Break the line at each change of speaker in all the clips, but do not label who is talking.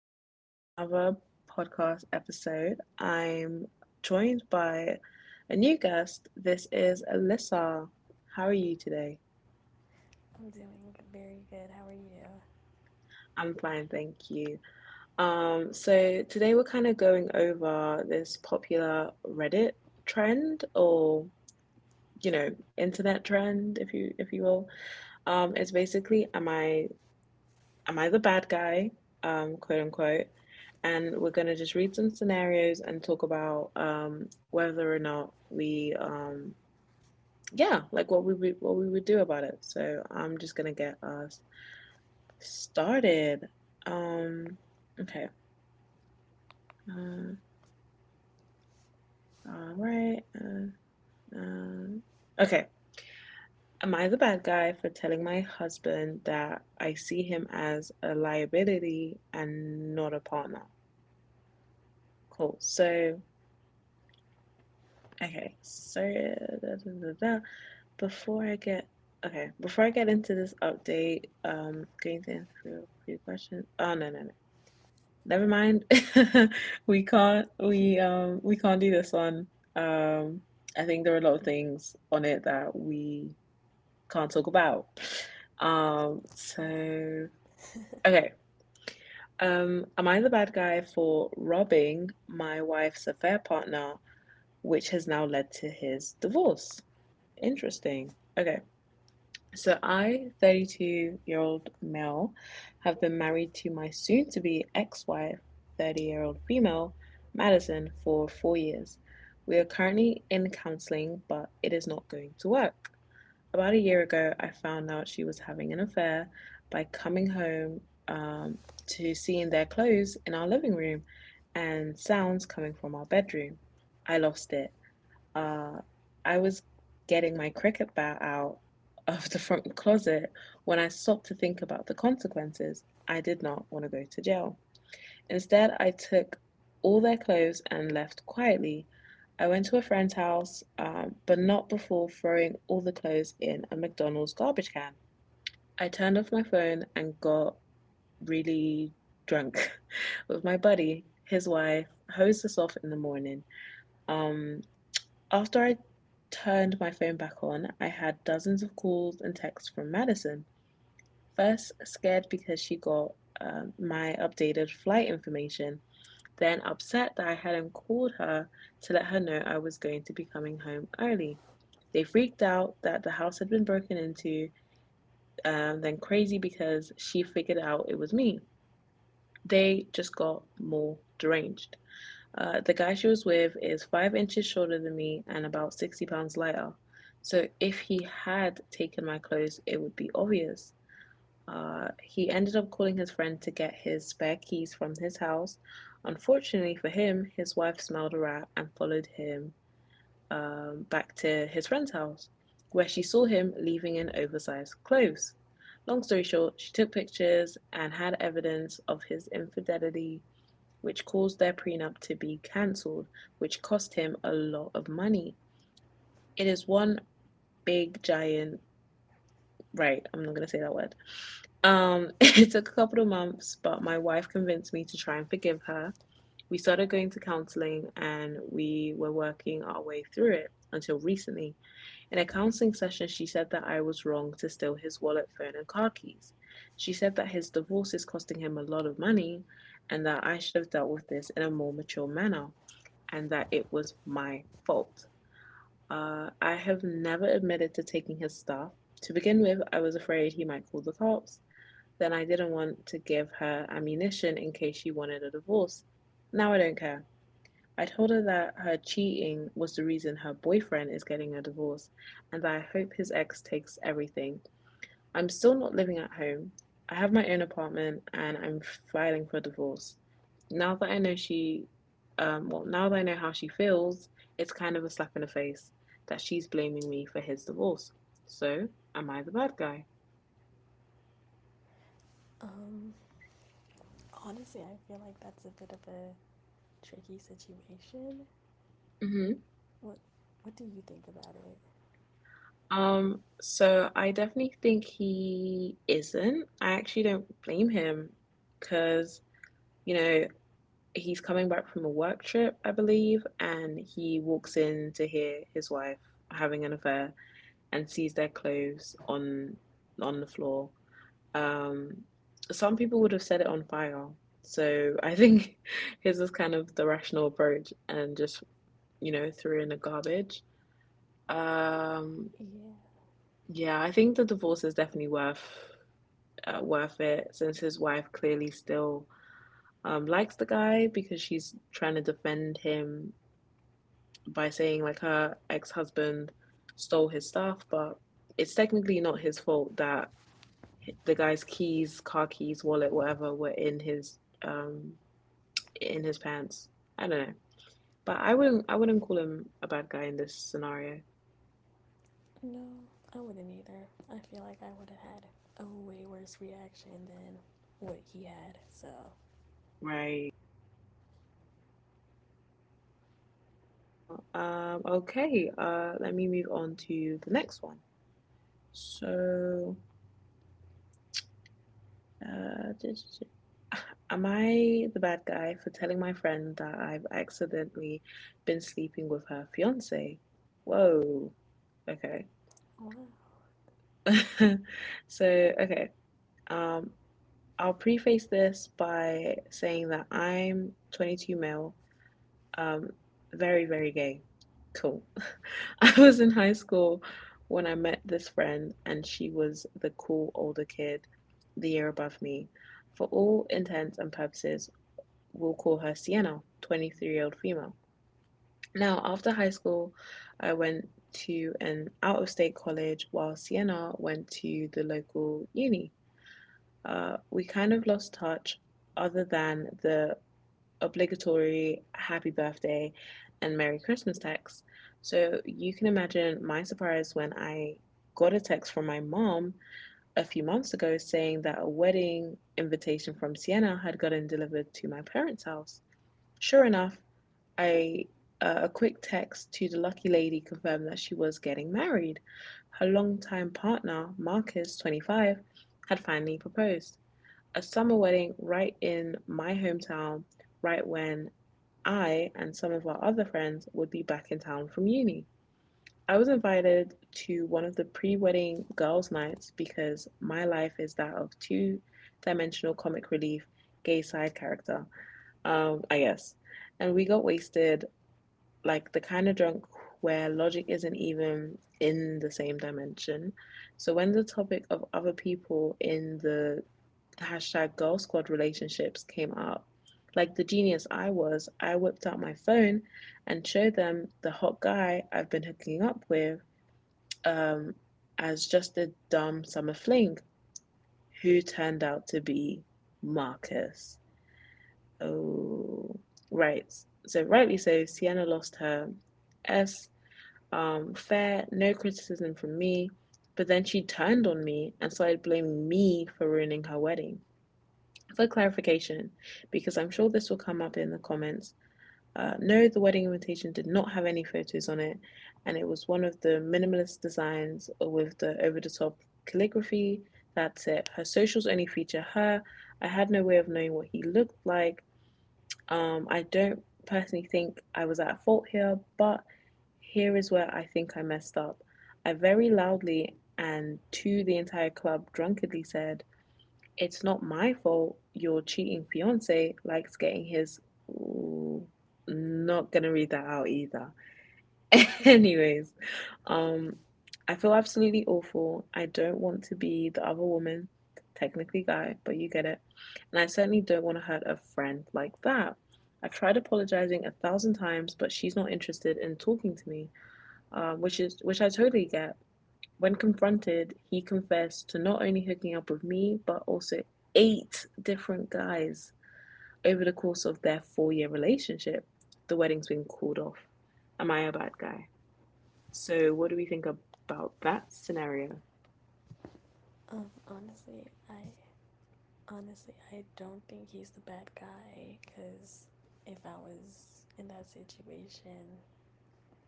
to another podcast episode. I'm joined by a new guest. This is Alyssa. How are you today?
I'm doing very good. How are you?
I'm fine, thank you. So today we're kind of going over this popular Reddit trend, or you know, internet trend, if you will. It's basically, Am I the bad guy? Quote unquote. And we're going to just read some scenarios and talk about whether or not yeah, like what we would do about it. So I'm just going to get us started. Um, okay. Uh, all right. Okay. Am I the bad guy for telling my husband that I see him as a liability and not a partner? Cool. Okay, so da, da, da, da. Before I get okay, before I get into this update, going to answer your question. Oh no no no, never mind. We can't do this one. Um, I think there are a lot of things on it that we can't talk about.
All right.
So okay, am I the bad guy for robbing my wife's affair partner, which has now led to his divorce? Interesting. Okay. So I, 32 year old male, have been married to my soon to be ex wife, 30-year-old female, Madison, for 4 years. We are currently in counseling, but it is not going to work. About a year ago, I found out she was having an affair by coming home um, to seeing their clothes in our living room and sounds coming from our bedroom. I lost it. Uh, I was getting my cricket bat out of the front closet when I stopped to think about the consequences. I did not want to go to jail. Instead, I took all their clothes and left quietly. I went to a friend's house, but not before throwing all the clothes in a McDonald's garbage can. I turned off my phone and got really drunk with my buddy. His wife hosed us off in the morning. Um, after I turned my phone back on, I had dozens of calls and texts from Madison. First, scared because she got my updated flight information, then upset that I hadn't called her to let her know I was going to be coming home early. They freaked out that the house had been broken into, then crazy because she figured out it was me. They just got more deranged. The guy she was with is 5 inches shorter than me and about 60 pounds lighter. So if he had taken my clothes, it would be obvious. He ended up calling his friend to get his spare keys from his house. Unfortunately for him, his wife smelled a rat and followed him back to his friend's house, where she saw him leaving in oversized clothes. Long story short, she took pictures and had evidence of his infidelity which caused their prenup to be cancelled, which cost him a lot of money. It is one big giant Right, I'm not gonna say that word. It took a couple of months, but my wife convinced me to try and forgive her. We started going to counseling and we were working our way through it until recently. In a counseling session, she said that I was wrong to steal his wallet, phone, and car keys. She said that his divorce is costing him a lot of money and that I should have dealt with this in a more mature manner and that it was my fault. I have never admitted to taking his stuff. To begin with, I was afraid he might call the cops. Then I didn't want to give her ammunition in case she wanted a divorce. Now I don't care. I told her that her cheating was the reason her boyfriend is getting a divorce and that I hope his ex takes everything. I'm still not living at home. I have my own apartment and I'm filing for a divorce. Now that I know now that I know how she feels, it's kind of a slap in the face that she's blaming me for his divorce. So, am I the bad guy?
Um, Honestly, I feel like that's a bit of a tricky situation.
Hmm.
What What do you think about it?
So I definitely think he isn't. I actually don't blame him because, you know, he's coming back from a work trip, I believe, and he walks in to hear his wife having an affair and sees their clothes on the floor. Um, some people would have set it on fire. So I think his is kind of the rational approach and just you know threw in the garbage. Um,
Yeah.
yeah, I think the divorce is definitely worth it since his wife clearly still likes the guy because she's trying to defend him by saying like her ex husband stole his stuff, but it's technically not his fault that the guy's keys, car keys, wallet, whatever, were in his pants. I don't know, but I wouldn't call him a bad guy in this scenario,
No, I wouldn't either. I feel like I would have had a way worse reaction than what he had. So,
right? Okay, let me move on to the next one. So, uh, did- am I the bad guy for telling my friend that I've accidentally been sleeping with her fiance? Whoa, okay.
wow.
So, okay, um, I'll preface this by saying that I'm 22 male, um, very, very gay. Cool. I was in high school when I met this friend, and she was the cool older kid the year above me. For all intents and purposes, we'll call her Sienna, 23 year old female. Now, after high school, I went to an out of state college while Sienna went to the local uni. We kind of lost touch, other than the obligatory happy birthday and Merry Christmas texts. So you can imagine my surprise when I got a text from my mom a few months ago saying that a wedding invitation from Sienna had gotten delivered to my parents' house. Sure enough, I a quick text to the lucky lady confirmed that she was getting married. Her longtime partner, Marcus, 25, had finally proposed a summer wedding right in my hometown, right when I and some of our other friends would be back in town from uni. I was invited to one of the pre wedding girls' nights because my life is that of two dimensional comic relief gay side character, I guess. And we got wasted, like the kind of drunk where logic isn't even in the same dimension. So when the topic of other people in the hashtag girl squad relationships came up, like the genius I was, I whipped out my phone and showed them the hot guy I've been hooking up with um, as just a dumb summer fling who turned out to be Marcus. Oh, right. So, rightly so, Sienna lost her S, fair, no criticism from me. But then she turned on me and started blaming me for ruining her wedding. For clarification, because I'm sure this will come up in the comments, no, the wedding invitation did not have any photos on it, and it was one of the minimalist designs with the over the top calligraphy. That's it. Her socials only feature her. I had no way of knowing what he looked like. I don't personally think I was at fault here, but here is where I think I messed up. I very loudly and to the entire club drunkenly said, It's not my fault your cheating fiance likes getting his. Ooh, not gonna read that out either. Anyways, um, I feel absolutely awful. I don't want to be the other woman, technically guy, but you get it. And I certainly don't want to hurt a friend like that. I've tried apologizing 1,000 times, but she's not interested in talking to me, which I totally get. When confronted, he confessed to not only hooking up with me, but also 8 different guys over the course of their 4-year relationship. The wedding's been called off. Am I a bad guy? So, what do we think about that scenario?
Um, honestly, I Honestly, I don't think he's the bad guy because if I was in that situation,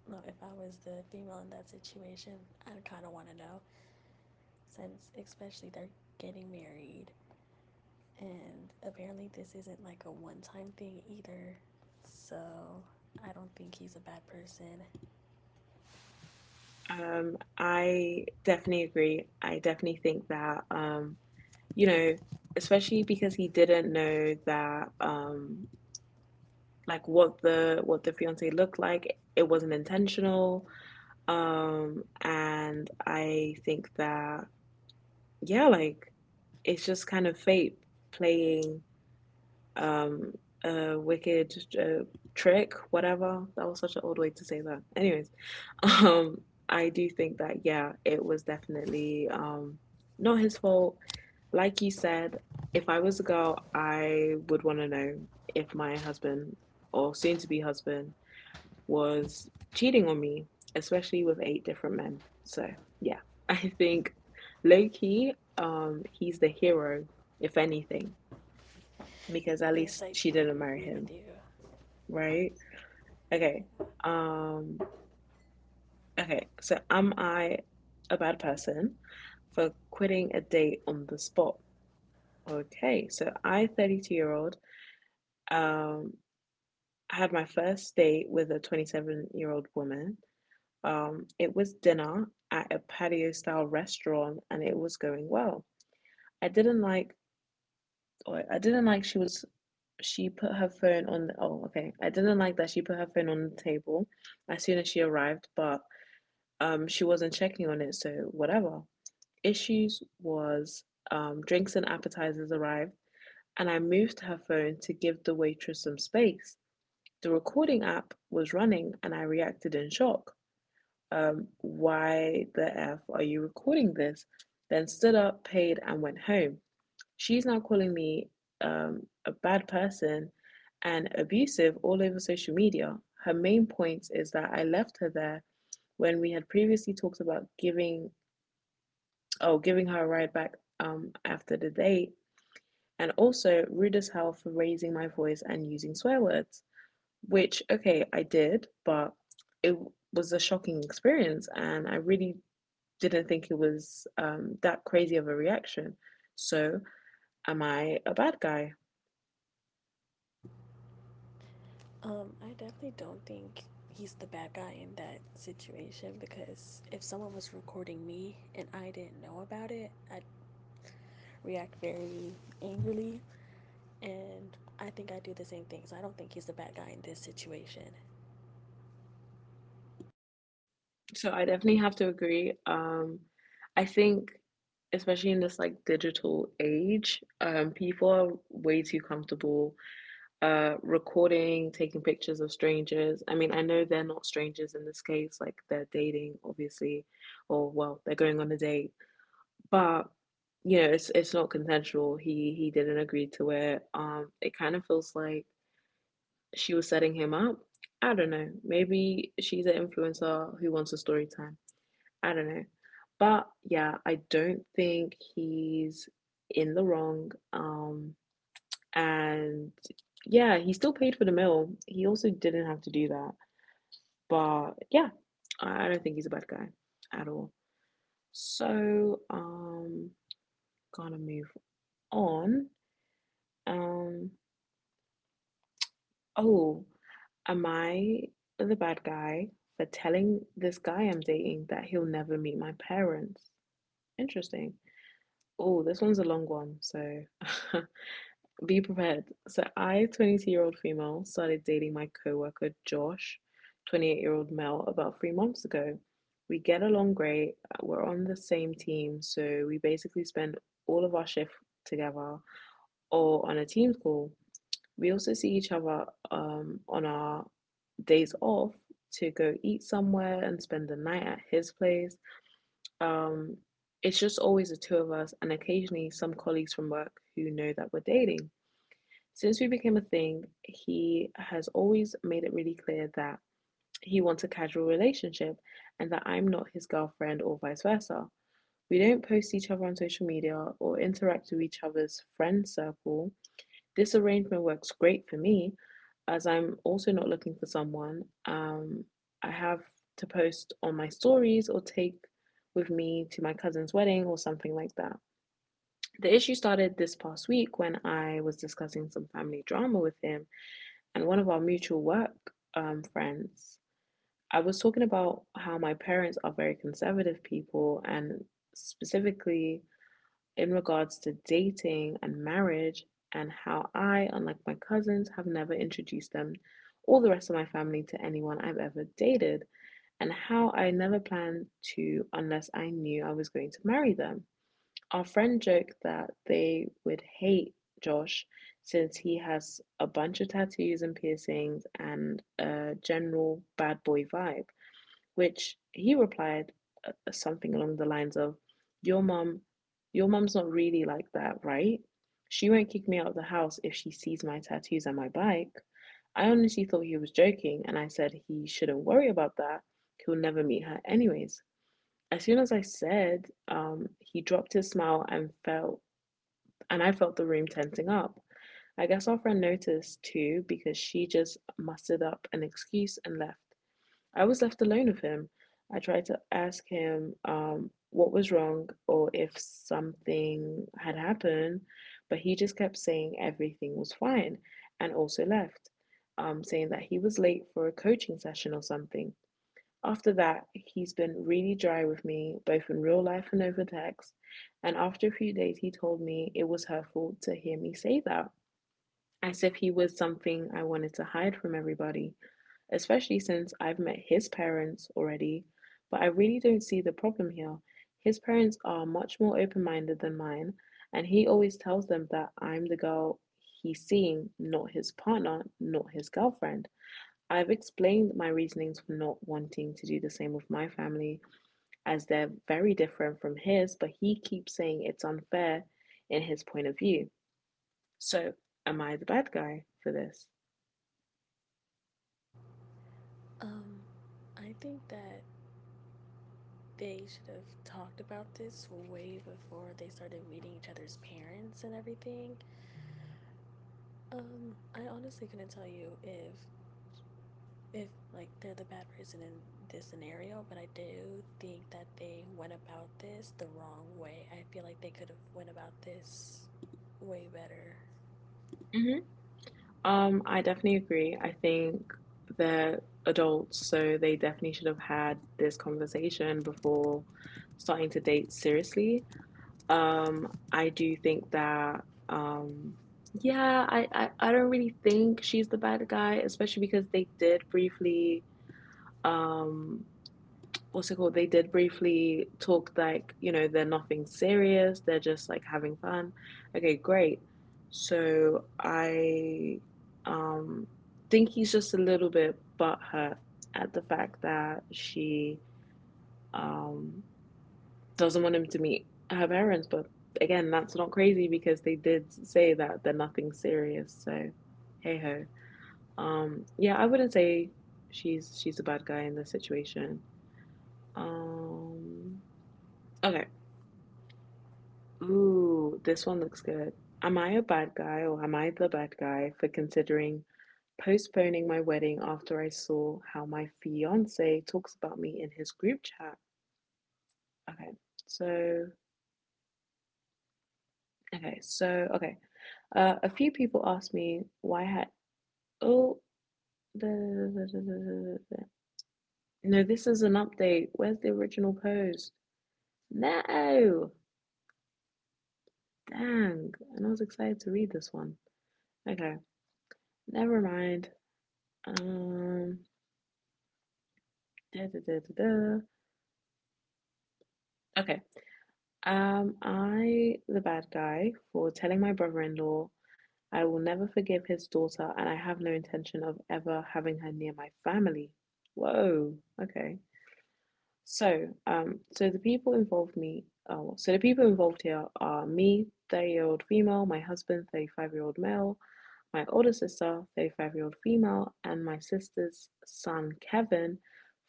well, if I was the female in that situation, I'd kind of want to know since, especially, they're getting married. And apparently, this isn't like a one time thing either. So, I don't think he's a bad person.
I definitely agree. I definitely think that, you know, especially because he didn't know that, like what the fiance looked like. It wasn't intentional, and I think that yeah, like it's just kind of fate playing um, a wicked trick, whatever. That was such an old way to say that. Anyways, um, I do think that, yeah, it was definitely not his fault. Like you said, if I was a girl, I would want to know if my husband or soon to be husband was cheating on me, especially with 8 different men. So, yeah, I think low key, he's the hero, if anything, because at
Yes,
least
I
she
do
didn't marry
agree with
him,
you.
right? Okay.
Yeah.
Um okay, so am I a bad person for quitting a date on the spot? Okay, so I, 32 year old, um, had my first date with a 27-year-old woman. It was dinner at a patio style restaurant and it was going well. I didn't like, or I didn't like she was She put her phone on the, oh, okay. I didn't like that she put her phone on the table as soon as she arrived, but she wasn't checking on it, so whatever. Issues was drinks and appetizers arrived, and I moved her phone to give the waitress some space. The recording app was running, and I reacted in shock. Why the F are you recording this? Then stood up, paid, and went home. She's now calling me a bad person and abusive all over social media. Her main point is that I left her there when we had previously talked about giving her a ride back after the date, and also rude as hell for raising my voice and using swear words. Which okay, I did, but it was a shocking experience, and I really didn't think it was that crazy of a reaction. So, am I a bad guy?
I definitely don't think he's the bad guy in that situation because if someone was recording me and I didn't know about it, I'd react very angrily. And I think I do the same thing. So I don't think he's the bad guy in this situation.
So I definitely have to agree. I think, especially in this like digital age, people are way too comfortable recording, taking pictures of strangers. I mean, I know they're not strangers in this case, like they're dating, obviously, or well, they're going on a date, but you know, it's not consensual. He didn't agree to it. It kind of feels like she was setting him up. I don't know. Maybe she's an influencer who wants a story time. I don't know. But yeah, I don't think he's in the wrong. And yeah, he still paid for the meal. He also didn't have to do that. But yeah, I don't think he's a bad guy at all. So, gonna move on. Um, oh, am I the bad guy for telling this guy I'm dating that he'll never meet my parents? Interesting. Oh, this one's a long one, so be prepared. So I, 22-year-old female, started dating my coworker Josh, 28-year-old male, about 3 months ago. We get along great. We're on the same team, so we basically spend all of our shift together or on a Teams call. We also see each other on our days off to go eat somewhere and spend the night at his place. Um, it's just always the two of us, and occasionally some colleagues from work who know that we're dating. Since we became a thing, he has always made it really clear that he wants a casual relationship and that I'm not his girlfriend or vice versa. We don't post each other on social media or interact with each other's friend circle. This arrangement works great for me as I'm also not looking for someone. I have to post on my stories or take with me to my cousin's wedding or something like that. The issue started this past week when I was discussing some family drama with him and one of our mutual work friends. I was talking about how my parents are very conservative people, and specifically in regards to dating and marriage, and how I, unlike my cousins, have never introduced them or the rest of my family to anyone I've ever dated, and how I never planned to unless I knew I was going to marry them. Our friend joked that they would hate Josh since he has a bunch of tattoos and piercings and a general bad boy vibe, which he replied something along the lines of, "Your mum's not really like that, right? She won't kick me out of the house if she sees my tattoos and my bike." I honestly thought he was joking, and I said he shouldn't worry about that. He'll never meet her, anyways. As soon as I said, he dropped his smile and I felt the room tensing up. I guess our friend noticed too because she just mustered up an excuse and left. I was left alone with him. I tried to ask him what was wrong or if something had happened, but he just kept saying everything was fine and also left, saying that he was late for a coaching session or something. After that, he's been really dry with me, both in real life and over text. And after a few days, he told me it was hurtful to hear me say that, as if he was something I wanted to hide from everybody, especially since I've met his parents already. But I really don't see the problem here. His parents are much more open minded than mine, and he always tells them that I'm the girl he's seeing, not his partner, not his girlfriend. I've explained my reasonings for not wanting to do the same with my family, as they're very different from his, but he keeps saying it's unfair in his point of view. So, am I the bad guy for this?
Um, I think that they should have talked about this way before they started meeting each other's parents and everything. I honestly couldn't tell you if like they're the bad person in this scenario, but I do think that they went about this the wrong way. I feel like they could have went about this way better.
Mhm. I definitely agree. I think they're adults, so they definitely should have had this conversation before starting to date seriously. I do think that, um, yeah, I don't really think she's the bad guy, especially because they did briefly, um, what's it called? They did briefly talk like, you know, they're nothing serious, they're just like having fun. Okay, great. So I, um, think he's just a little bit butthurt at the fact that she, um, doesn't want him to meet her parents. But again, that's not crazy because they did say that they're nothing serious. So, hey ho. Yeah, I wouldn't say she's a bad guy in this situation. Um, okay. Ooh, this one looks good. Am I a bad guy or am I the bad guy for considering postponing my wedding after I saw how my fiance talks about me in his group chat? Okay. So, okay. So, okay. A few people asked me why I had oh the, the, the, the, the, no this is an update. Where's the original post? No, dang! And I was excited to read this one. Okay, never mind. Um, Da, da, da, da, da. Okay. Am I the bad guy for telling my brother-in-law I will never forgive his daughter, and I have no intention of ever having her near my family? Whoa. Okay. So, so the people involved me. Oh, well, so the people involved here are me, 30-year-old female, my husband, 35-year-old male, my older sister, 35-year-old female, and my sister's son, Kevin,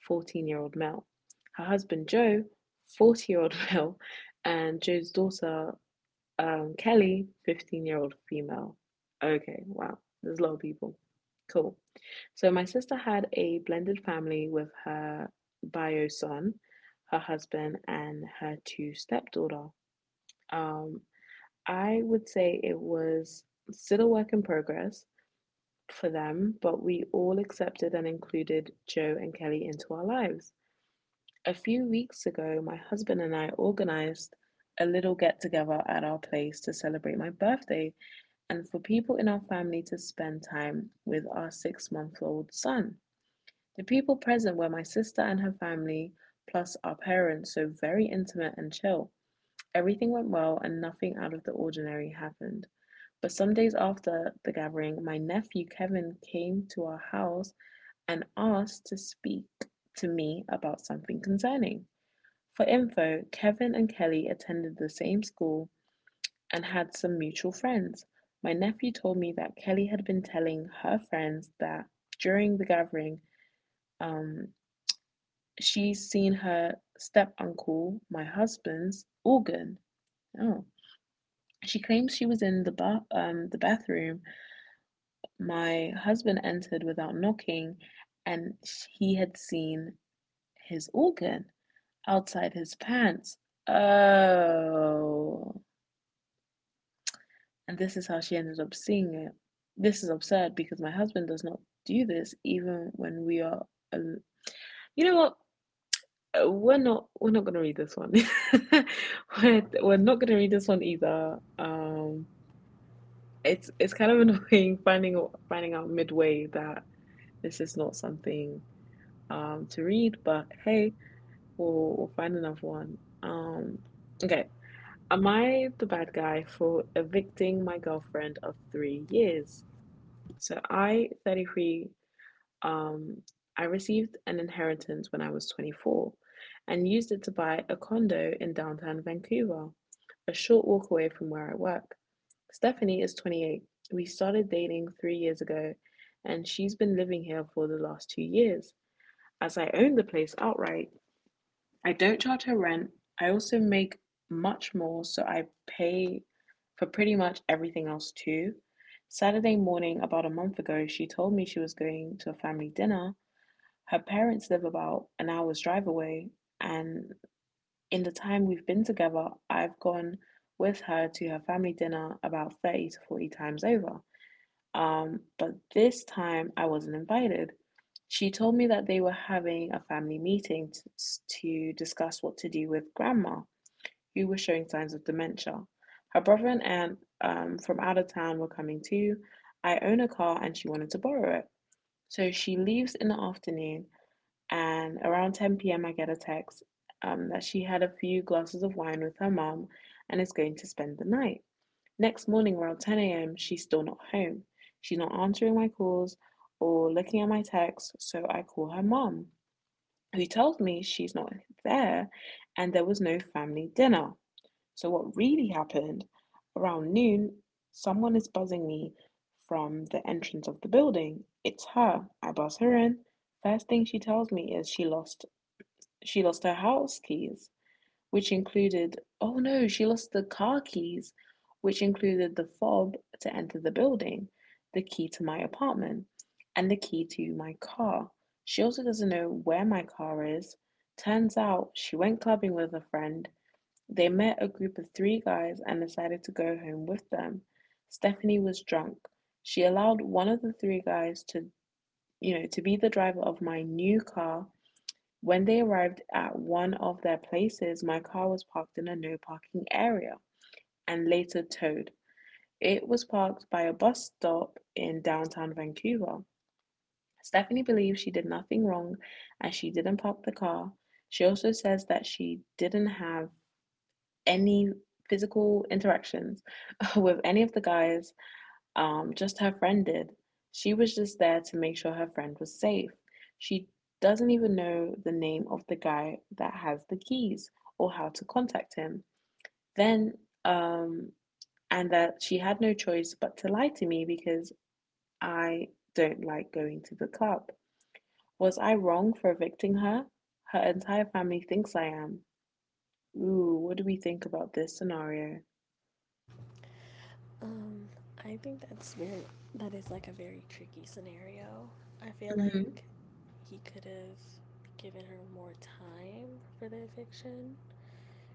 14-year-old male. Her husband, Joe, 40-year-old male, and Joe's daughter, Kelly, 15-year-old female. Okay, wow, there's a lot of people. Cool. So my sister had a blended family with her bio son, her husband, and her two stepdaughter. Um, I would say it was still a work in progress for them, but we all accepted and included Joe and Kelly into our lives. A few weeks ago, my husband and I organized a little get together at our place to celebrate my birthday and for people in our family to spend time with our 6 month old son. The people present were my sister and her family, plus our parents, so very intimate and chill. Everything went well and nothing out of the ordinary happened. But some days after the gathering, my nephew Kevin came to our house and asked to speak to me about something concerning. For info, Kevin and Kelly attended the same school and had some mutual friends. My nephew told me that Kelly had been telling her friends that during the gathering, um, she's seen her step uncle, my husband's organ. Oh. She claims she was in the bathroom. My husband entered without knocking, and he had seen his organ outside his pants. Oh, and this is how she ended up seeing it. This is absurd because my husband does not do this even when we are. al- You know what? We're not gonna read this one. We're not gonna read this one either. It's kind of annoying finding out midway that this is not something to read, but hey, we'll find another one. Um, okay. Am I the bad guy for evicting my girlfriend of 3 years? So I, 33, Um, I received an inheritance when I was 24 and used it to buy a condo in downtown Vancouver, a short walk away from where I work. Stephanie is 28. We started dating 3 years ago, and she's been living here for the last 2 years. As I own the place outright, I don't charge her rent. I also make much more, so I pay for pretty much everything else too. Saturday morning, about a month ago, she told me she was going to a family dinner. Her parents live about an hour's drive away, and in the time we've been together, I've gone with her to her family dinner about 30 to 40 times over. But this time I wasn't invited. She told me that they were having a family to discuss what to do with grandma, who was showing signs of dementia. Her brother and aunt, from out of town, were coming too. I own a car and she wanted to borrow it. So she leaves in the afternoon, and around 10 p.m. I get a text, that she had a few glasses of wine with her mom and is going to spend the night. Next morning, around 10 a.m., she's still not home. She's not answering my calls or looking at my texts, so I call her mom, who tells me she's not there and there was no family dinner. So, what really happened: around noon, someone is buzzing me from the entrance of the building. It's her. I buzz her in. First thing she tells me is she lost her house keys, which included, oh no, she lost the car keys, which included the fob to enter the building, the key to my apartment, and the key to my car. She also doesn't know where my car is. Turns out she went clubbing with a friend. They met a group of three guys and decided to go home with them. Stephanie was drunk. She allowed one of the three guys to, to be the driver of my new car. When they arrived at one of their places, my car was parked in a no parking area and later towed. It was parked by a bus stop in downtown Vancouver. Stephanie believes she did nothing wrong and she didn't park the car. She also says that she didn't have any physical interactions with any of the guys, just her friend did. She was just there to make sure her friend was safe. She doesn't even know the name of the guy that has the keys or how to contact him. Then, um, and that she had no choice but to lie to me because I don't like going to the club. Was I wrong for evicting her? Her entire family thinks I am. Ooh, what do we think about this scenario?
Um, I think that's very, that is like a very tricky scenario. I feel like
Hmm.
he could have given her more time for the eviction,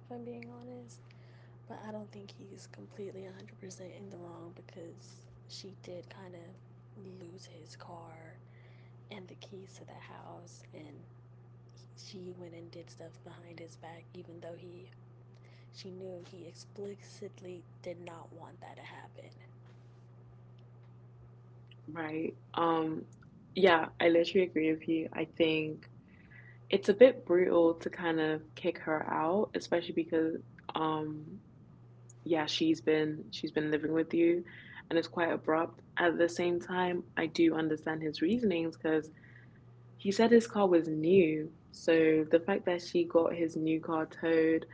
if I'm being honest. But I don't think he's completely 100% in the wrong because she did kind of lose his car and the keys to the house, and she went and did stuff behind his back even though he she knew he explicitly did not want that to happen.
Right. Yeah, I literally agree with you. I think it's a bit brutal to kind of kick her out, especially because, um yeah, she's been living with you and it's quite abrupt. At the same time, I do understand his reasonings because he said his car was new. So the fact that she got his new car towed,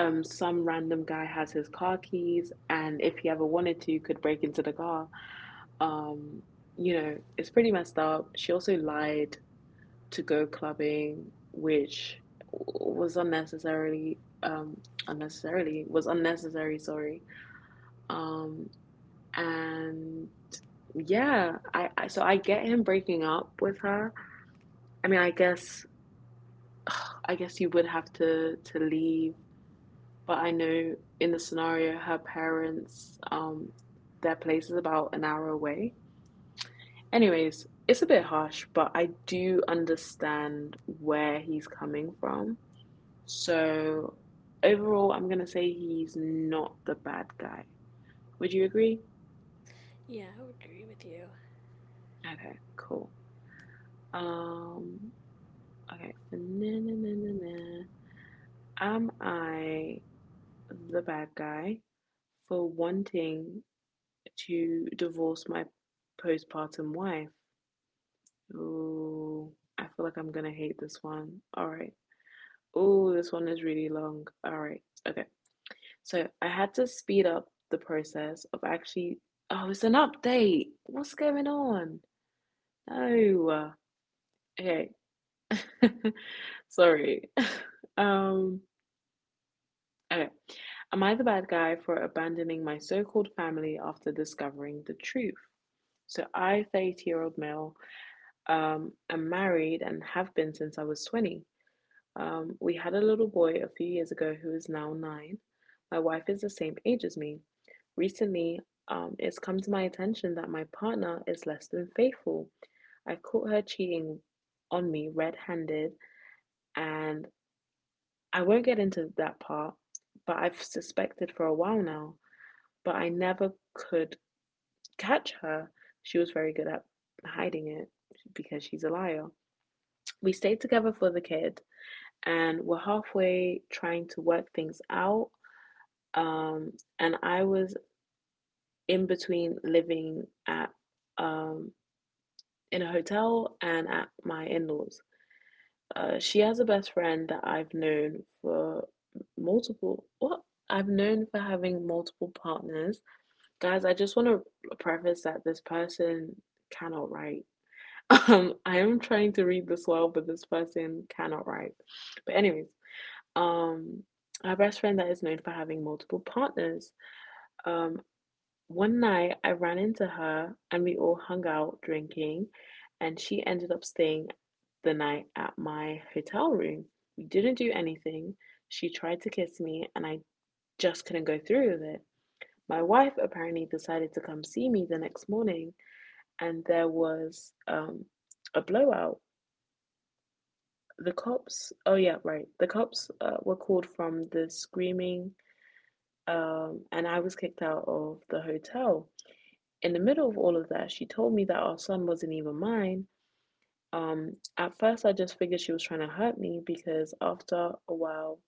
some random guy has his car keys and if he ever wanted to could break into the car. Um you know, it's pretty messed up. She also lied to go clubbing, which was unnecessarily unnecessarily was unnecessary, sorry. Um and yeah, I so I get him breaking up with her. I mean, I guess you would have to leave, but I know in the scenario her parents, their place is about an hour away. Anyways, it's a bit harsh, but I do understand where he's coming from. So overall, I'm gonna say he's not the bad guy. Would you agree?
Yeah, I would agree with you.
Okay, cool. Um, okay. For na na na na na, am I the bad guy for wanting to divorce my postpartum wife? Ooh, I feel like I'm gonna hate this one. All right. Oh, this one is really long. All right. Okay. So I had to speed up the process of actually, oh, it's an update. What's going on? No. Okay. Sorry. Um, okay. Am I the bad guy for abandoning my so called family after discovering the truth? So I, 30 year old male, am married and have been since I was 20. We had a little boy a few years ago who is now nine. My wife is the same age as me. Recently, it's come to my attention that my partner is less than faithful. I caught her cheating on me red handed, and I won't get into that part, but I've suspected for a while now, but I never could catch her. She was very good at hiding it because she's a liar. We stayed together for the kid and we're halfway trying to work things out. um, and I was in between living at, um, in a hotel and at my in laws. She has a best friend that multiple what I've known for having multiple partners. Guys, I just want to preface that this person cannot write. I am trying to read this well, but this person cannot write. But anyways, um, our best friend that is known for having multiple partners. Um, One night I ran into her and we all hung out drinking, and she ended up staying the night at my hotel room. We didn't do anything. She tried to kiss me, and I just couldn't go through with it. My wife apparently decided to come see me the next morning, and there was, a blowout. The cops, oh yeah, right. The cops, were called from the screaming, and I was kicked out of the hotel. In the middle of all of that, she told me that our son wasn't even mine. At first, I just figured she was trying to hurt me because after a while,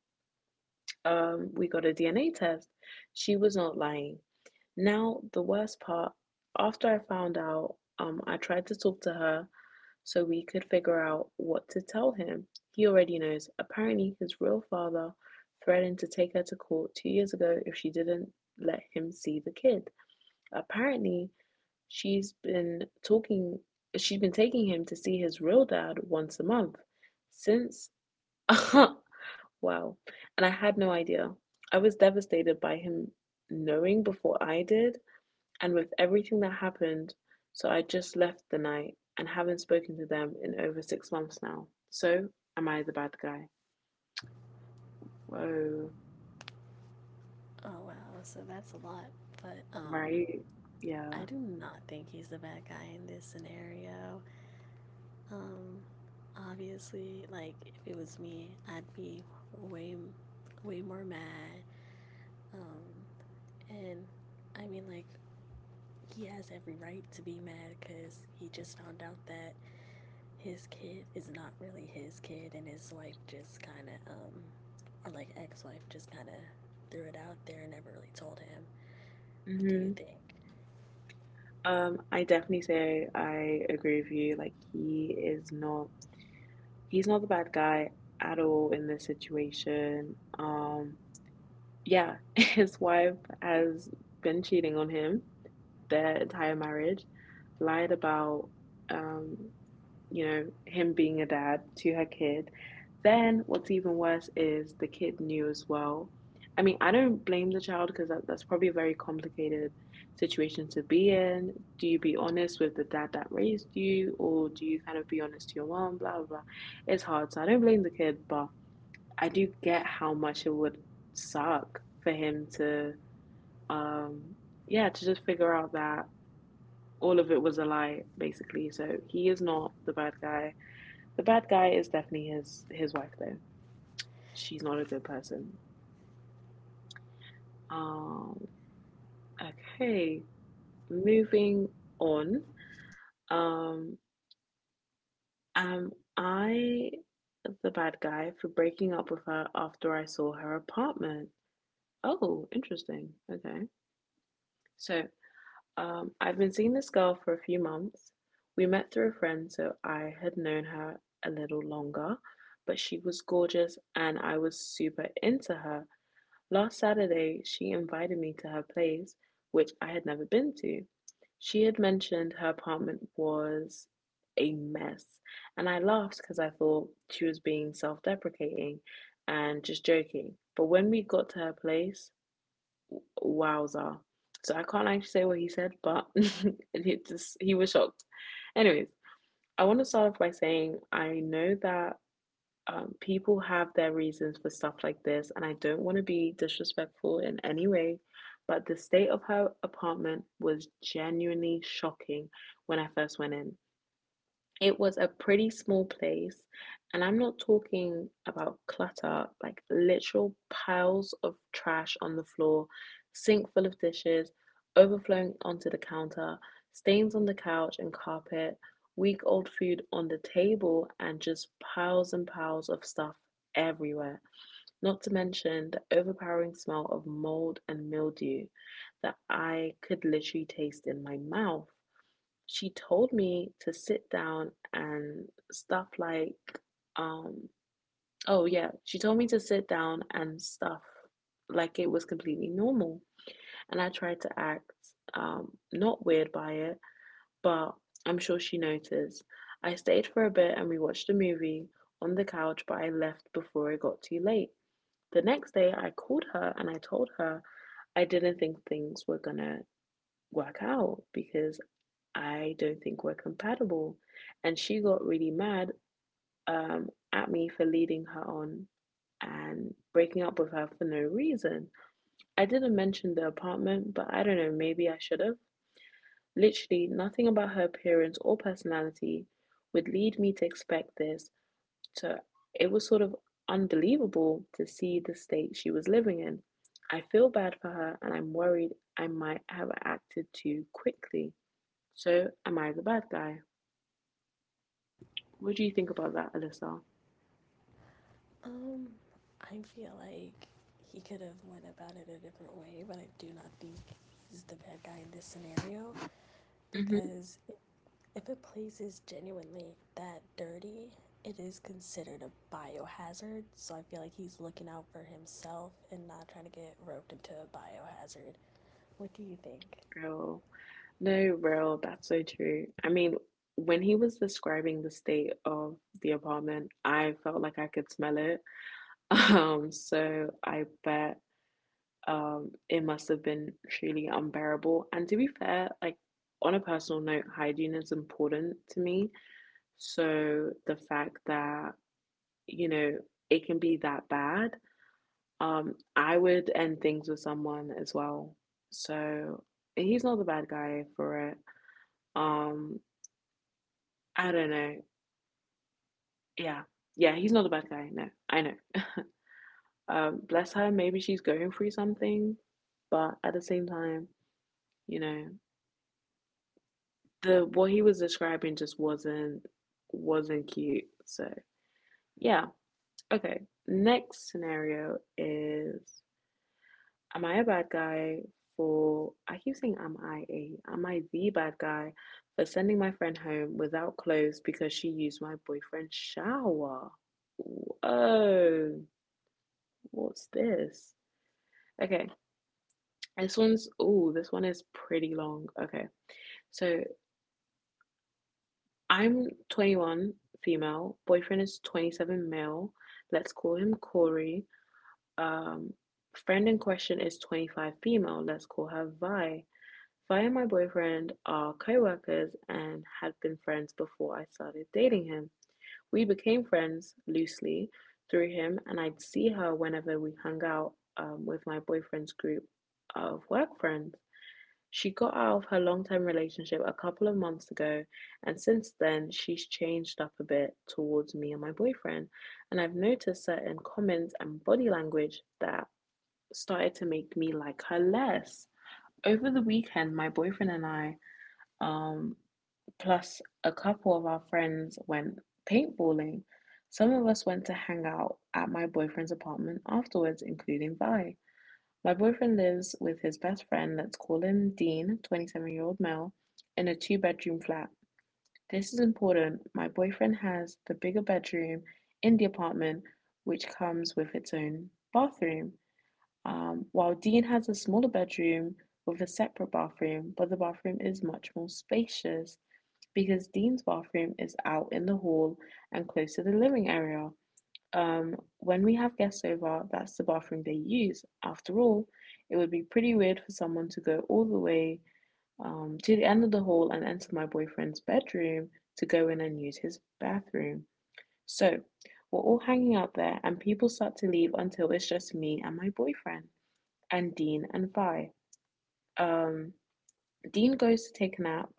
we got a DNA test. She was not lying. Now, the worst part, after I found out, I tried to talk to her so we could figure out what to tell him. He already knows. Apparently, his real father threatened to take her to court 2 years ago if she didn't let him see the kid. Apparently, She's been talking she's been taking him to see his real dad once a month since. Wow. And I had no idea. I was devastated by him knowing before I did, and with everything that happened, so I just left the night and haven't spoken to them in over 6 months now. So, am I the bad guy? Whoa,
Oh wow, so that's a lot. But
right? Yeah.
I do not think he's the bad guy in this scenario. Um Obviously, like if it was me, I'd be way way more mad. Um and I mean, like he has every right to be mad cuz he just found out that his kid is not really his kid, and his wife just kind of or like ex-wife just kind of threw it out there and never really told him. What do you
Hmm.
think?
I definitely say I agree with you. Like, he's not the bad guy at all in this situation. Yeah, his wife has been cheating on him their entire marriage, lied about, um you know, him being a dad to her kid. Then what's even worse is the kid knew as well. I mean, I don't blame the child because that's probably a very complicated situation to be in. Do you be honest with the dad that raised you, or do you kind of be honest to your mom? Blah blah blah. It's hard, so I don't blame the kid, but I do get how much it would suck for him to, um, yeah, to just figure out that all of it was a lie, basically. So he is not the bad guy. The bad guy is definitely his wife though. She's not a good person. Um okay. Moving on. Um am I the bad guy for breaking up with her after I saw her apartment? Oh, interesting. Okay. So, I've been seeing this girl for a few months. We met through a friend, so I had known her a little longer, but she was gorgeous and I was super into her. Last Saturday, she invited me to her place, which I had never been to. She had mentioned her apartment was a mess, and I laughed because I thought she was being self deprecating and just joking. But when we got to her place, wowza. So I can't actually say what he said, but it just he was shocked. Anyways, I want to start off by saying I know that, people have their reasons for stuff like this, and I don't want to be disrespectful in any way, but the state of her apartment was genuinely shocking when I first went in. It was a pretty small place, and I'm not talking about clutter, like literal piles of trash on the floor, sink full of dishes, overflowing onto the counter, stains on the couch and carpet, week old food on the table, and just piles and piles of stuff everywhere. Not to mention the overpowering smell of mold and mildew that I could literally taste in my mouth. She told me to sit down and stuff like um oh yeah she told me to sit down and stuff like it was completely normal. And I tried to act not weird by it, but I'm sure she noticed. I stayed for a bit and we watched a movie on the couch, but I left before it got too late. The next day I called her and I told her I didn't think things were gonna work out because I don't think we're compatible. And she got really mad at me for leading her on and breaking up with her for no reason. I didn't mention the apartment, but I don't know, maybe I should have. Literally, nothing about her appearance or personality would lead me to expect this. So it was sort of unbelievable to see the state she was living in. I feel bad for her and I'm worried I might have acted too quickly. So, am I the bad guy? What do you think about that, Alyssa?
Um, I feel like he could have went about it a different way, but I do not think he's the bad guy in this scenario
Hmm.
because if a place is genuinely that dirty, it is considered a biohazard. So I feel like he's looking out for himself and not trying to get roped into a biohazard. What do you think?
Real. No, real. That's so true. I mean, when he was describing the state of the apartment, I felt like I could smell it. So I bet it must have been truly unbearable. And to be fair, like on a personal note, hygiene is important to me. So the fact that, you know, it can be that bad. I would end things with someone as well. So he's not the bad guy for it. Um, I don't know. Yeah. Yeah, he's not the bad guy. No, I know. Bless her, maybe she's going through something, but at the same time, you know, the what he was describing just wasn't cute. So yeah. Okay. Next scenario is, am I a bad guy for, I keep saying, am I the bad guy for sending my friend home without clothes because she used my boyfriend's shower? Ooh. Oh, what's this? Okay, this one's, oh, this one is pretty long. Okay, so I'm 21 female, boyfriend is 27 male. Let's call him Corey. Um, Friend in question is 25 female. Let's call her Vi. Fire, and my boyfriend, are co-workers and had been friends before I started dating him. We became friends loosely through him and I'd see her whenever we hung out with my boyfriend's group of work friends. She got out of her long-term relationship a couple of months ago, and since then she's changed up a bit towards me and my boyfriend, and I've noticed certain comments and body language that started to make me like her less. Over the weekend, my boyfriend and I, um, plus a couple of our friends, went paintballing. Some of us went to hang out at my boyfriend's apartment afterwards, including Vi. My boyfriend lives with his best friend, let's call him Dean, 27 year old male, in a two-bedroom flat. This is important. My boyfriend has the bigger bedroom in the apartment, which comes with its own bathroom, while Dean has a smaller bedroom with a separate bathroom, but the bathroom is much more spacious because Dean's bathroom is out in the hall and close to the living area. When we have guests over, that's the bathroom they use. After all, it would be pretty weird for someone to go all the way to the end of the hall and enter my boyfriend's bedroom to go in and use his bathroom. So, we're all hanging out there, and people start to leave until it's just me and my boyfriend, and Dean and Vi. Um, Dean goes to take a nap.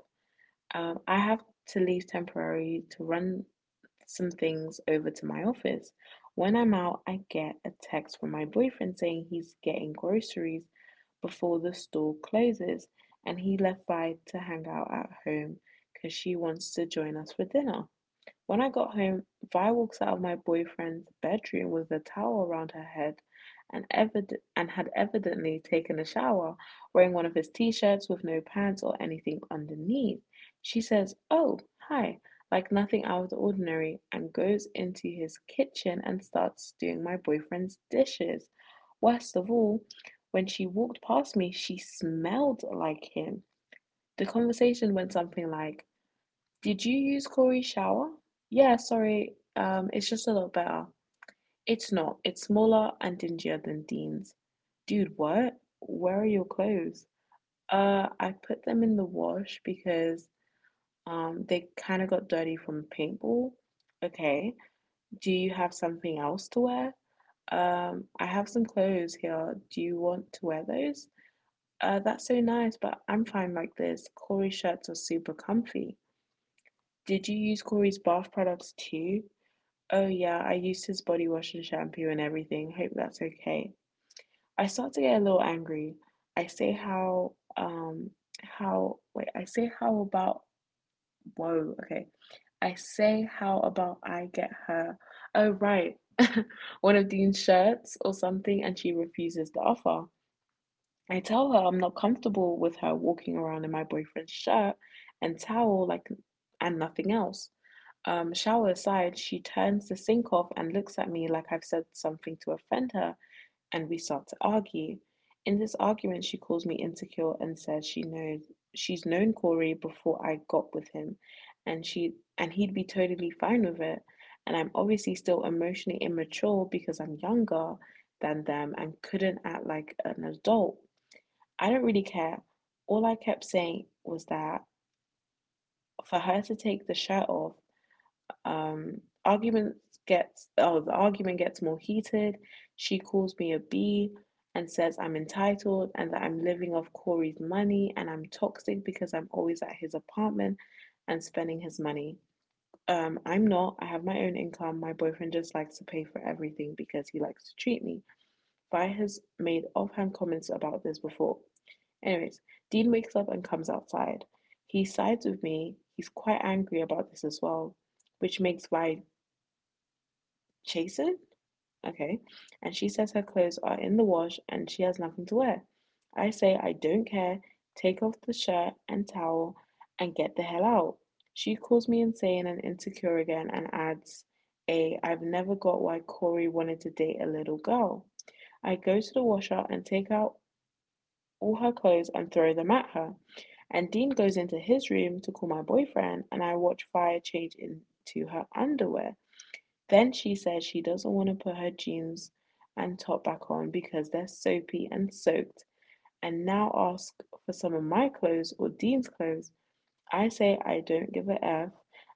I have to leave temporarily to run some things over to my office. When I'm out, I get a text from my boyfriend saying he's getting groceries before the store closes and he left Vi to hang out at home because she wants to join us for dinner. When I got home, Vi walks out of my boyfriend's bedroom with a towel around her head and, and had evidently taken a shower, wearing one of his t shirts with no pants or anything underneath. She says, "Oh, hi," like nothing out of the ordinary, and goes into his kitchen and starts doing my boyfriend's dishes. Worst of all, when she walked past me, she smelled like him. The conversation went something like, "Did you use Corey shower?" "Yeah, sorry. It's just a lot better." "It's not. It's smaller and dingier than Dean's. Dude, what? Where are your clothes?" "Uh, I put them in the wash because they kind of got dirty from paintball." "Okay. Do you have something else to wear? I have some clothes here. Do you want to wear those?" "Uh, that's so nice, but I'm fine like this. Corey shirts are super comfy." "Did you use Corey's bath products too?" "Oh yeah, I used his body wash and shampoo and everything. Hope that's okay." I start to get a little angry. I say how um I say, "How about," whoa, okay, I say how about I get her oh right one of Dean's shirts or something, and she refuses the offer. I tell her I'm not comfortable with her walking around in my boyfriend's shirt and towel, and nothing else. Shower aside, she turns the sink off and looks at me like I've said something to offend her, and we start to argue. In this argument, she calls me insecure and says she's known Corey before I got with him, and she and he'd be totally fine with it. And I'm obviously still emotionally immature because I'm younger than them and couldn't act like an adult. I don't really care. All I kept saying was that for her to take the shirt off. Argument gets oh The argument gets more heated. She calls me a b, and says I'm entitled and that I'm living off Corey's money and I'm toxic because I'm always at his apartment and spending his money. I'm not. I have my own income. My boyfriend just likes to pay for everything because he likes to treat me. Vi has made offhand comments about this before. Anyways, Dean wakes up and comes outside. He sides with me. He's quite angry about this as well, which makes Vi Jason? Okay. And she says her clothes are in the wash and she has nothing to wear. I say I don't care, take off the shirt and towel and get the hell out. She calls me insane and insecure again and adds, "A, I've never got why Corey wanted to date a little girl." I go to the washer and take out all her clothes and throw them at her. And Dean goes into his room to call my boyfriend, and I watch Fire change into her underwear. Then she says she doesn't want to put her jeans and top back on because they're soapy and soaked, and now ask for some of my clothes or Dean's clothes. I say I don't give a F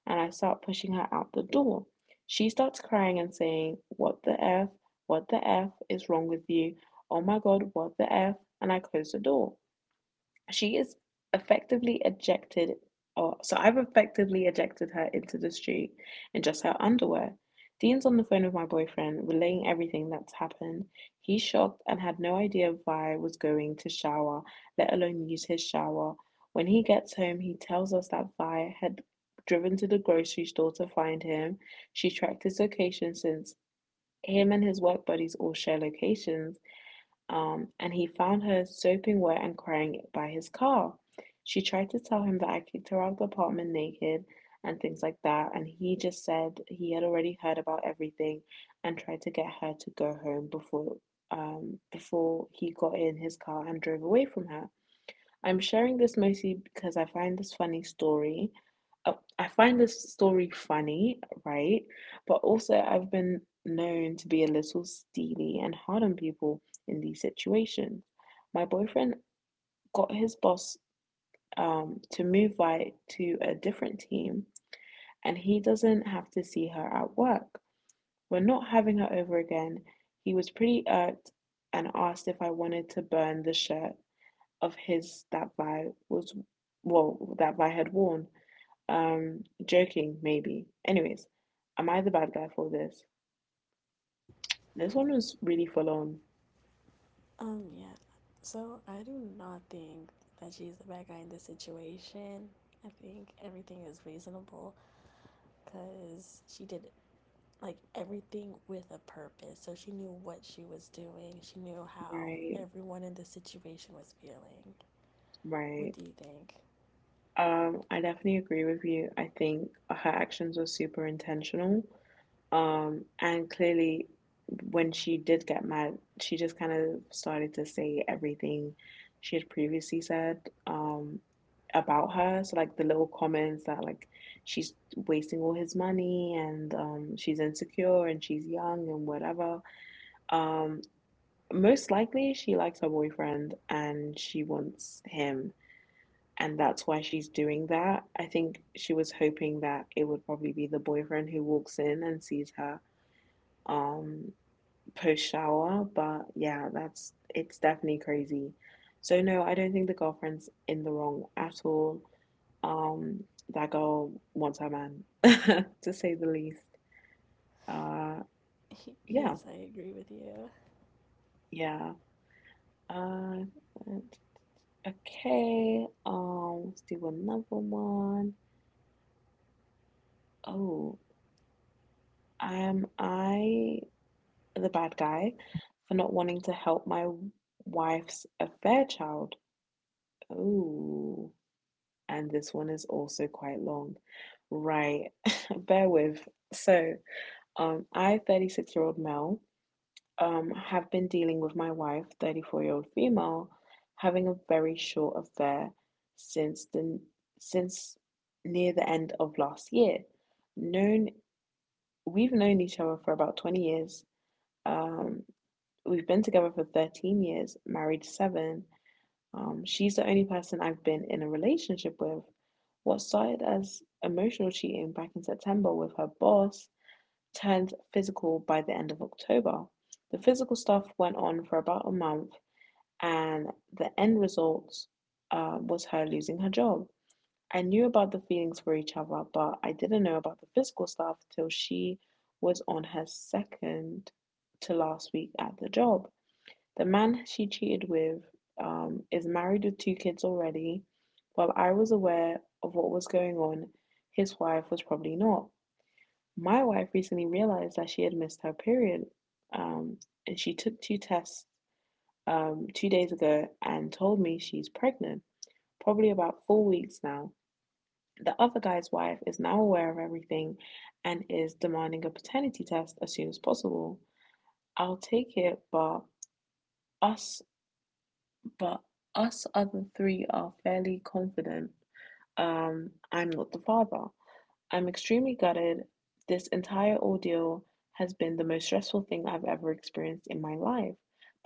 and I start pushing her out the door. She starts crying and saying, "What the F? What the F is wrong with you? Oh my god, what the F?" And I close the door. She is effectively ejected, or so I've effectively ejected her into the street in just her underwear. Dean's on the phone with my boyfriend, relaying everything that's happened. He's shocked and had no idea Vi was going to shower, let alone use his shower. When he gets home, he tells us that Vi had driven to the grocery store to find him. She tracked his location since him and his work buddies all share locations, and he found her soaping wet and crying by his car. She tried to tell him that I kicked her out of the apartment naked and things like that, and he just said he had already heard about everything and tried to get her to go home before, before he got in his car and drove away from her. I'm sharing this mostly because I find this funny story. I find this story funny, right? But also, I've been known to be a little steely and hard on people in these situations. My boyfriend got his boss, to move Vi to a different team, and he doesn't have to see her at work. We're not having her over again. He was pretty irked and asked if I wanted to burn the shirt of his that that Vi had worn. Joking, maybe. Anyways, am I the bad guy for this? This one was really full on.
Yeah. So I do not think that she's the bad guy in this situation. I think everything is reasonable because she did like everything with a purpose. So she knew what she was doing. She knew how
Right,
everyone in the situation was feeling. What
right.
do you think?
I definitely agree with you. I think her actions were super intentional. And clearly, when she did get mad, she just kind of started to say everything she had previously said um, about her. So, like the little comments that she's wasting all his money and she's insecure and she's young and whatever. Um, Most likely, she likes her boyfriend and she wants him. And that's why she's doing that. I think she was hoping that it would probably be the boyfriend who walks in and sees her um, post shower. But yeah, that's it's definitely crazy. So no, I don't think the girlfriend's in the wrong at all. Um, that girl wants her man, to say the least. Uh, yeah,
Yes, I agree with you.
yeah. Uh, okay. Let's do another one. Oh, am I the bad guy for not wanting to help my wife's affair child? Oh, and this one is also quite long. Right, bear with. So, I, 36 year old male, have been dealing with my wife, 34-year-old female, having a very short affair since the since near the end of last year. Known, we've known each other for about 20 years. Um, we've been together for 13 years, married seven. She's the only person I've been in a relationship with. What started as emotional cheating back in September with her boss turned physical by the end of October. The physical stuff went on for about a month, and the end result was her losing her job. I knew about the feelings for each other, but I didn't know about the physical stuff till she was on her second to last week at the job. The man she cheated with, is married with two kids already. While I was aware of what was going on, his wife was probably not. My wife recently realized that she had missed her period, um, and she took two tests two days ago and told me she's pregnant, probably about four weeks now. The other guy's wife is now aware of everything and is demanding a paternity test as soon as possible. I'll take it, but us but us other three are fairly confident I'm not the father. I'm extremely gutted. This entire ordeal has been the most stressful thing I've ever experienced in my life.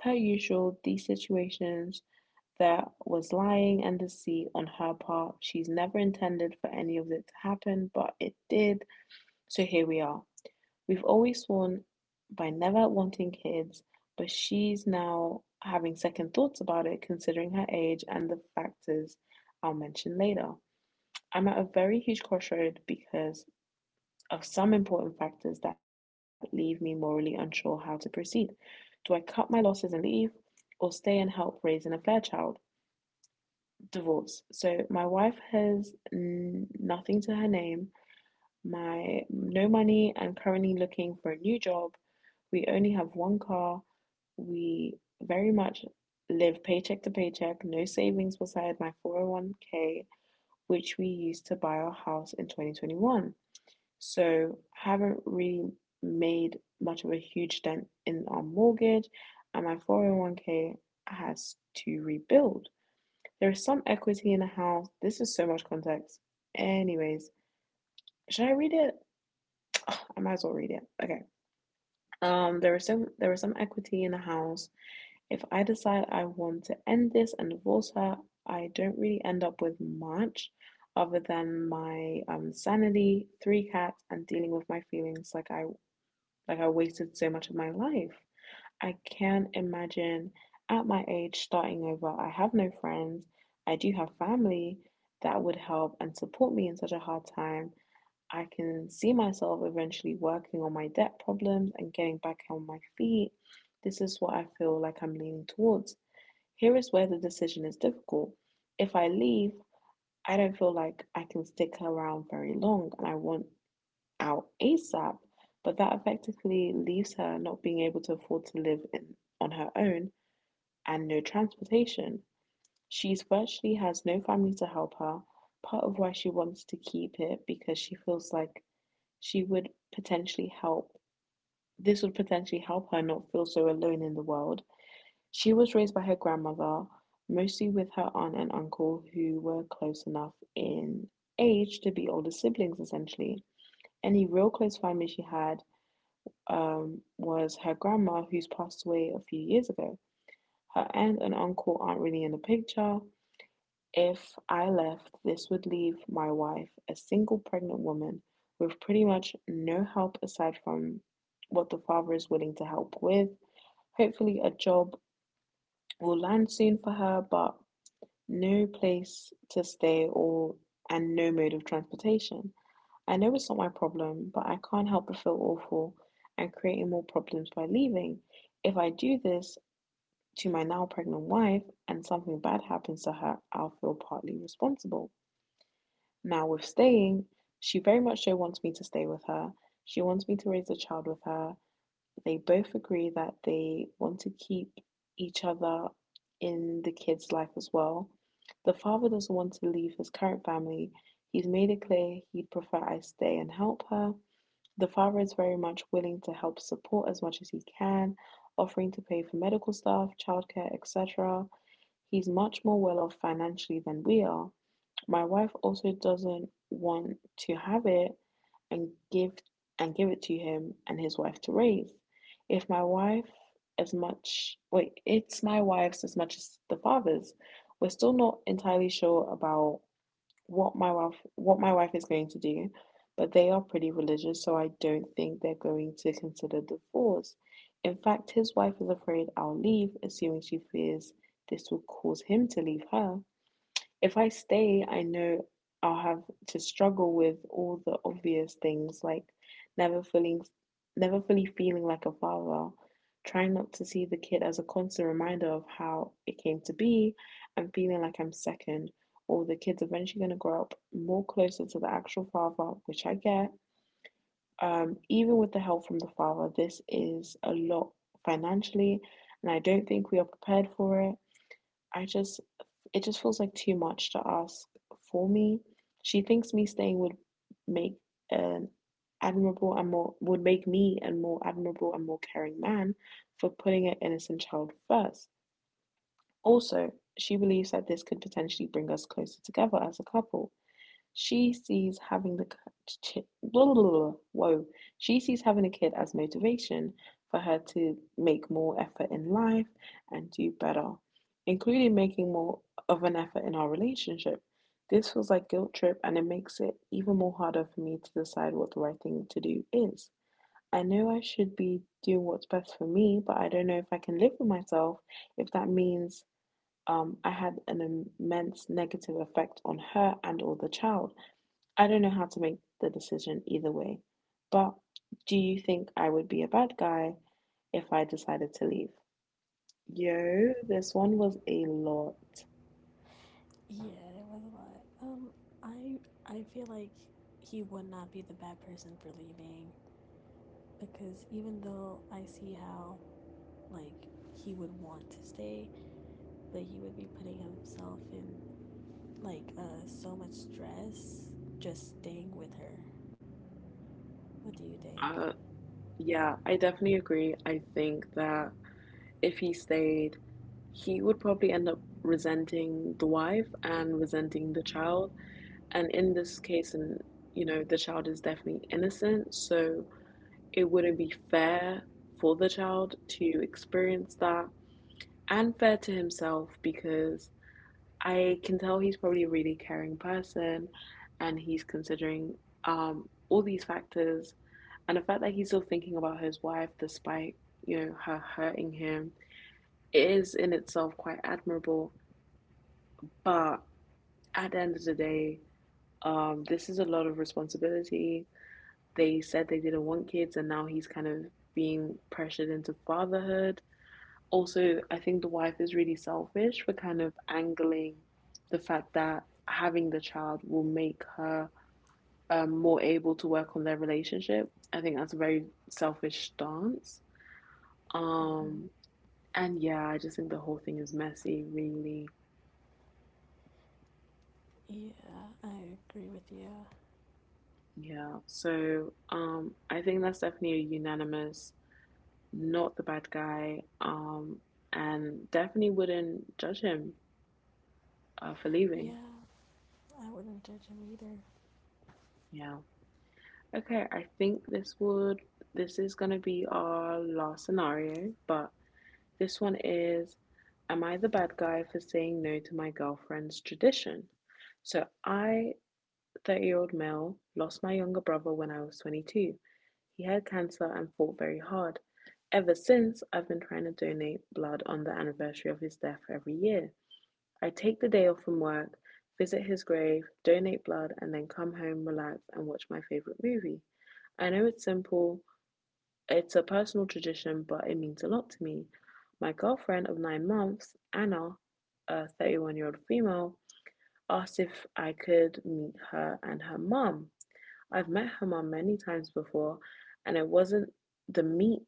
Per usual, these situations, there was lying and deceit on her part. She's never intended for any of it to happen, but it did. So here we are. We've always sworn by never wanting kids, but she's now having second thoughts about it considering her age and the factors I'll mention later. I'm at a very huge crossroad because of some important factors that leave me morally unsure how to proceed. Do I cut my losses and leave, or stay and help raise an affair child? Divorce. So my wife has nothing to her name, My no money. I'm currently looking for a new job. We only have one car. We very much live paycheck to paycheck. No savings beside my 401k, which we used to buy our house in 2021. So haven't really made much of a huge dent in our mortgage, and my 401k has to rebuild. There is some equity in the house. This is so much context. Anyways, should I read it? I might as well read it. Okay. There is some equity in the house. If I decide I want to end this and divorce her, I don't really end up with much other than my sanity, three cats, and dealing with my feelings like I wasted so much of my life. I can't imagine at my age starting over. I have no friends. I do have family that would help and support me in such a hard time. I can see myself eventually working on my debt problems and getting back on my feet. This is what I feel like I'm leaning towards. Here is where the decision is difficult. If I leave, I don't feel like I can stick around very long and I want out ASAP, but that effectively leaves her not being able to afford to live in, on her own and no transportation. She's virtually has no family to help her, part of why she wants to keep it because she feels like she would potentially help this would potentially help her not feel so alone in the world. She was raised by her grandmother, mostly with her aunt and uncle, who were close enough in age to be older siblings, essentially. Any real close family she had was her grandma, who's passed away a few years ago. Her aunt and uncle aren't really in the picture. If I left, this would leave my wife, a single pregnant woman, with pretty much no help aside from what the father is willing to help with. Hopefully, a job will land soon for her, but no place to stay or and no mode of transportation. I know it's not my problem, but I can't help but feel awful and creating more problems by leaving. If I do this to my now pregnant wife and something bad happens to her, I'll feel partly responsible. Now, with staying, she very much so wants me to stay with her. She wants me to raise a child with her. They both agree that they want to keep each other in the kid's life as well. The father doesn't want to leave his current family. He's made it clear he'd prefer I stay and help her. The father is very much willing to help support as much as he can, offering to pay for medical stuff, childcare, etc. He's much more well off financially than we are. My wife also doesn't want to have it and give and give it to him and his wife to raise. If my wife as much wait, It's my wife's as much as the father's. We're still not entirely sure about what my wife is going to do, but they are pretty religious, so I don't think they're going to consider divorce. In fact, his wife is afraid I'll leave, assuming she fears this will cause him to leave her. If I stay, I know I'll have to struggle with all the obvious things like never feeling never fully feeling like a father, trying not to see the kid as a constant reminder of how it came to be, and feeling like I'm second, or the kid's eventually gonna grow up more closer to the actual father, which I get. Even with the help from the father, this is a lot financially, and I don't think we are prepared for it. I just, it just feels like too much to ask for me. She thinks me staying would make an admirable and more, would make me a more admirable and more caring man for putting an innocent child first. Also, she believes that this could potentially bring us closer together as a couple. She sees having the blah, blah, blah, blah. Whoa. She sees having a kid as motivation for her to make more effort in life and do better, including making more of an effort in our relationship. This feels like guilt trip, and it makes it even more harder for me to decide what the right thing to do is. I know I should be doing what's best for me, but I don't know if I can live with myself if that means I had an immense negative effect on her and or the child. I don't know how to make the decision either way. But do you think I would be a bad guy if I decided to leave? Yo, this one was a lot.
Yeah, it was a lot. I I feel like he would not be the bad person for leaving because even though I see how, like he would want to stay, but he would be putting himself in like so much stress just staying with her. What do you think?
Uh, yeah, I definitely agree. I think that if he stayed, he would probably end up resenting the wife and resenting the child. And in this case, and you know, the child is definitely innocent, so it wouldn't be fair for the child to experience that. And fair to himself because I can tell he's probably a really caring person and he's considering all these factors. And the fact that he's still thinking about his wife despite, you know, her hurting him is in itself quite admirable. But at the end of the day, this is a lot of responsibility. They said they didn't want kids and now he's kind of being pressured into fatherhood. Also, I think the wife is really selfish for kind of angling the fact that having the child will make her more able to work on their relationship. I think that's a very selfish stance.
Mhm.
Um, and yeah, I just think the whole thing is messy, really.
Yeah, I agree with you.
Yeah. So I think that's definitely a unanimous, not the bad guy, and definitely wouldn't judge him for leaving.
Yeah, I wouldn't judge him either.
Yeah. Okay, I think this is gonna be our last scenario, but this one is: am I the bad guy for saying no to my girlfriend's tradition? So I, 30-year-old male, lost my younger brother when I was 22. He had cancer and fought very hard. Ever since, I've been trying to donate blood on the anniversary of his death every year. I take the day off from work, visit his grave, donate blood, and then come home, relax, and watch my favorite movie. I know it's simple, it's a personal tradition, but it means a lot to me. My girlfriend of 9 months, Anna, a 31-year-old female, asked if I could meet her and her mum. I've met her mom many times before, and it wasn't the meet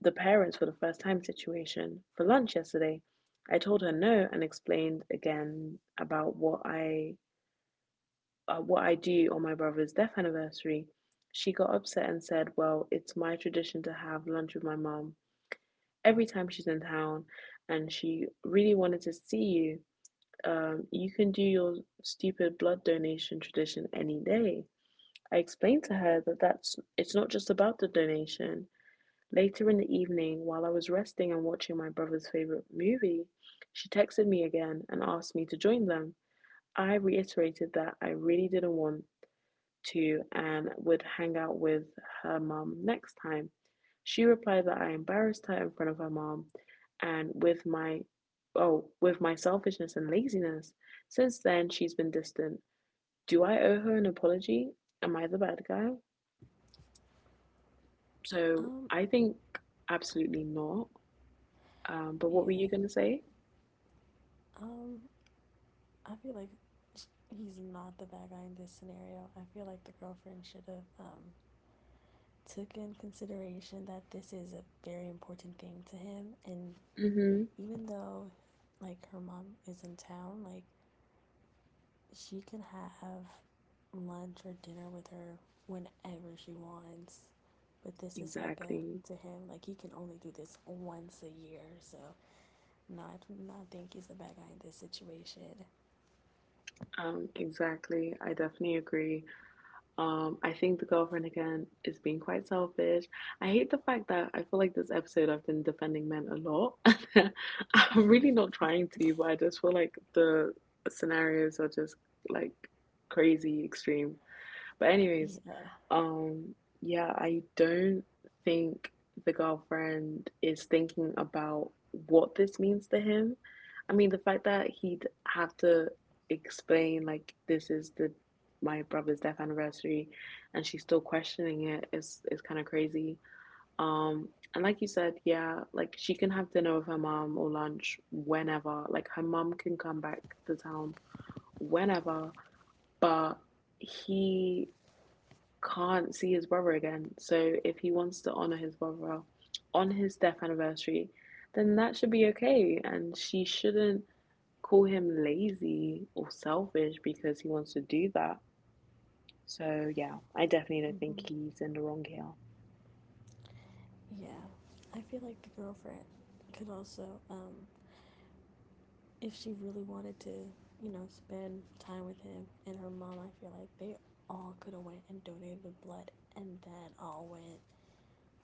the parents for the first time situation. For lunch yesterday, I told her no and explained again about what I do on my brother's death anniversary. She got upset and said, "Well, it's my tradition to have lunch with my mom every time she's in town, and she really wanted to see you. You can do your stupid blood donation tradition any day." I explained to her that it's not just about the donation. Later in the evening, while I was resting and watching my brother's favorite movie, she texted me again and asked me to join them. I reiterated that I really didn't want to and would hang out with her mum next time. She replied that I embarrassed her in front of her mum and with with my selfishness and laziness. Since then she's been distant. Do I owe her an apology? Am I the bad guy? So
Um,
I think absolutely not. But what were
yeah.
you going to say?
Um, I feel like sh- he's not the bad guy in this scenario. I feel like the girlfriend should have took in consideration that this is a very important thing to him, and
Mm-hmm.
even though like her mom is in town, like she can have lunch or dinner with her whenever she wants. But this is like a,
Exactly.
to him like he can only do this once a year. So not think he's the bad guy in this situation.
Exactly. I definitely agree. I think the girlfriend again is being quite selfish. I hate the fact that I feel like this episode I've been defending men a lot. I'm really not trying to, but I just feel like the scenarios are just like crazy extreme. But anyways,
Yeah.
um, yeah, I don't think the girlfriend is thinking about what this means to him. I mean, the fact that he'd have to explain like this is the my brother's death anniversary, and she's still questioning it is kind of crazy. And like you said, yeah, like she can have dinner with her mom or lunch whenever. Like her mom can come back to town whenever, but he can't see his brother again. So if he wants to honor his brother on his death anniversary, then that should be okay. And she shouldn't call him lazy or selfish because he wants to do that. So yeah, I definitely don't
Hmm.
think he's in the wrong here.
Yeah. I feel like the girlfriend could also if she really wanted to, you know, spend time with him and her mom, I feel like they all could have went and donated the blood and then all went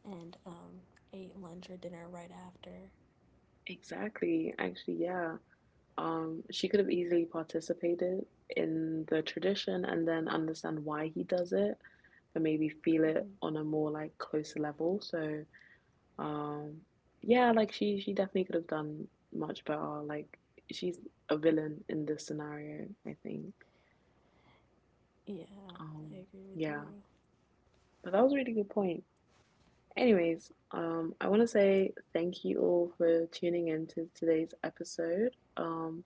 and ate lunch or dinner right after.
Exactly. Actually, yeah. She could have easily participated in the tradition and then understand why he does it and maybe feel it
Hmm.
on a more like closer level. So um, yeah, like she definitely could have done much better. Like she's a villain in this scenario, I think.
Yeah, I
Um,
agree with you.
yeah, but that was a really good point. Anyways, I want to say thank you all for tuning in to today's episode. Um,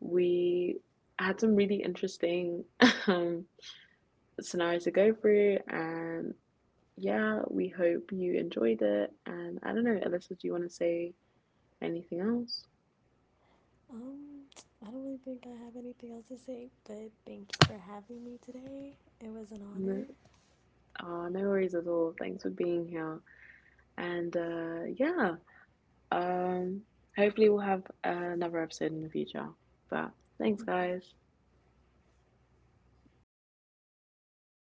we had some really interesting um, scenarios to go through, and yeah, we hope you enjoyed it. And I don't know, Alyssa, do you want to say anything else?
Um, I don't really think I have anything else to say, but thank you for having me today. It was an
No.
honor.
No worries at all. Thanks for being here. And yeah, um, hopefully we'll have another episode in the future. But thanks,
Hmm.
guys.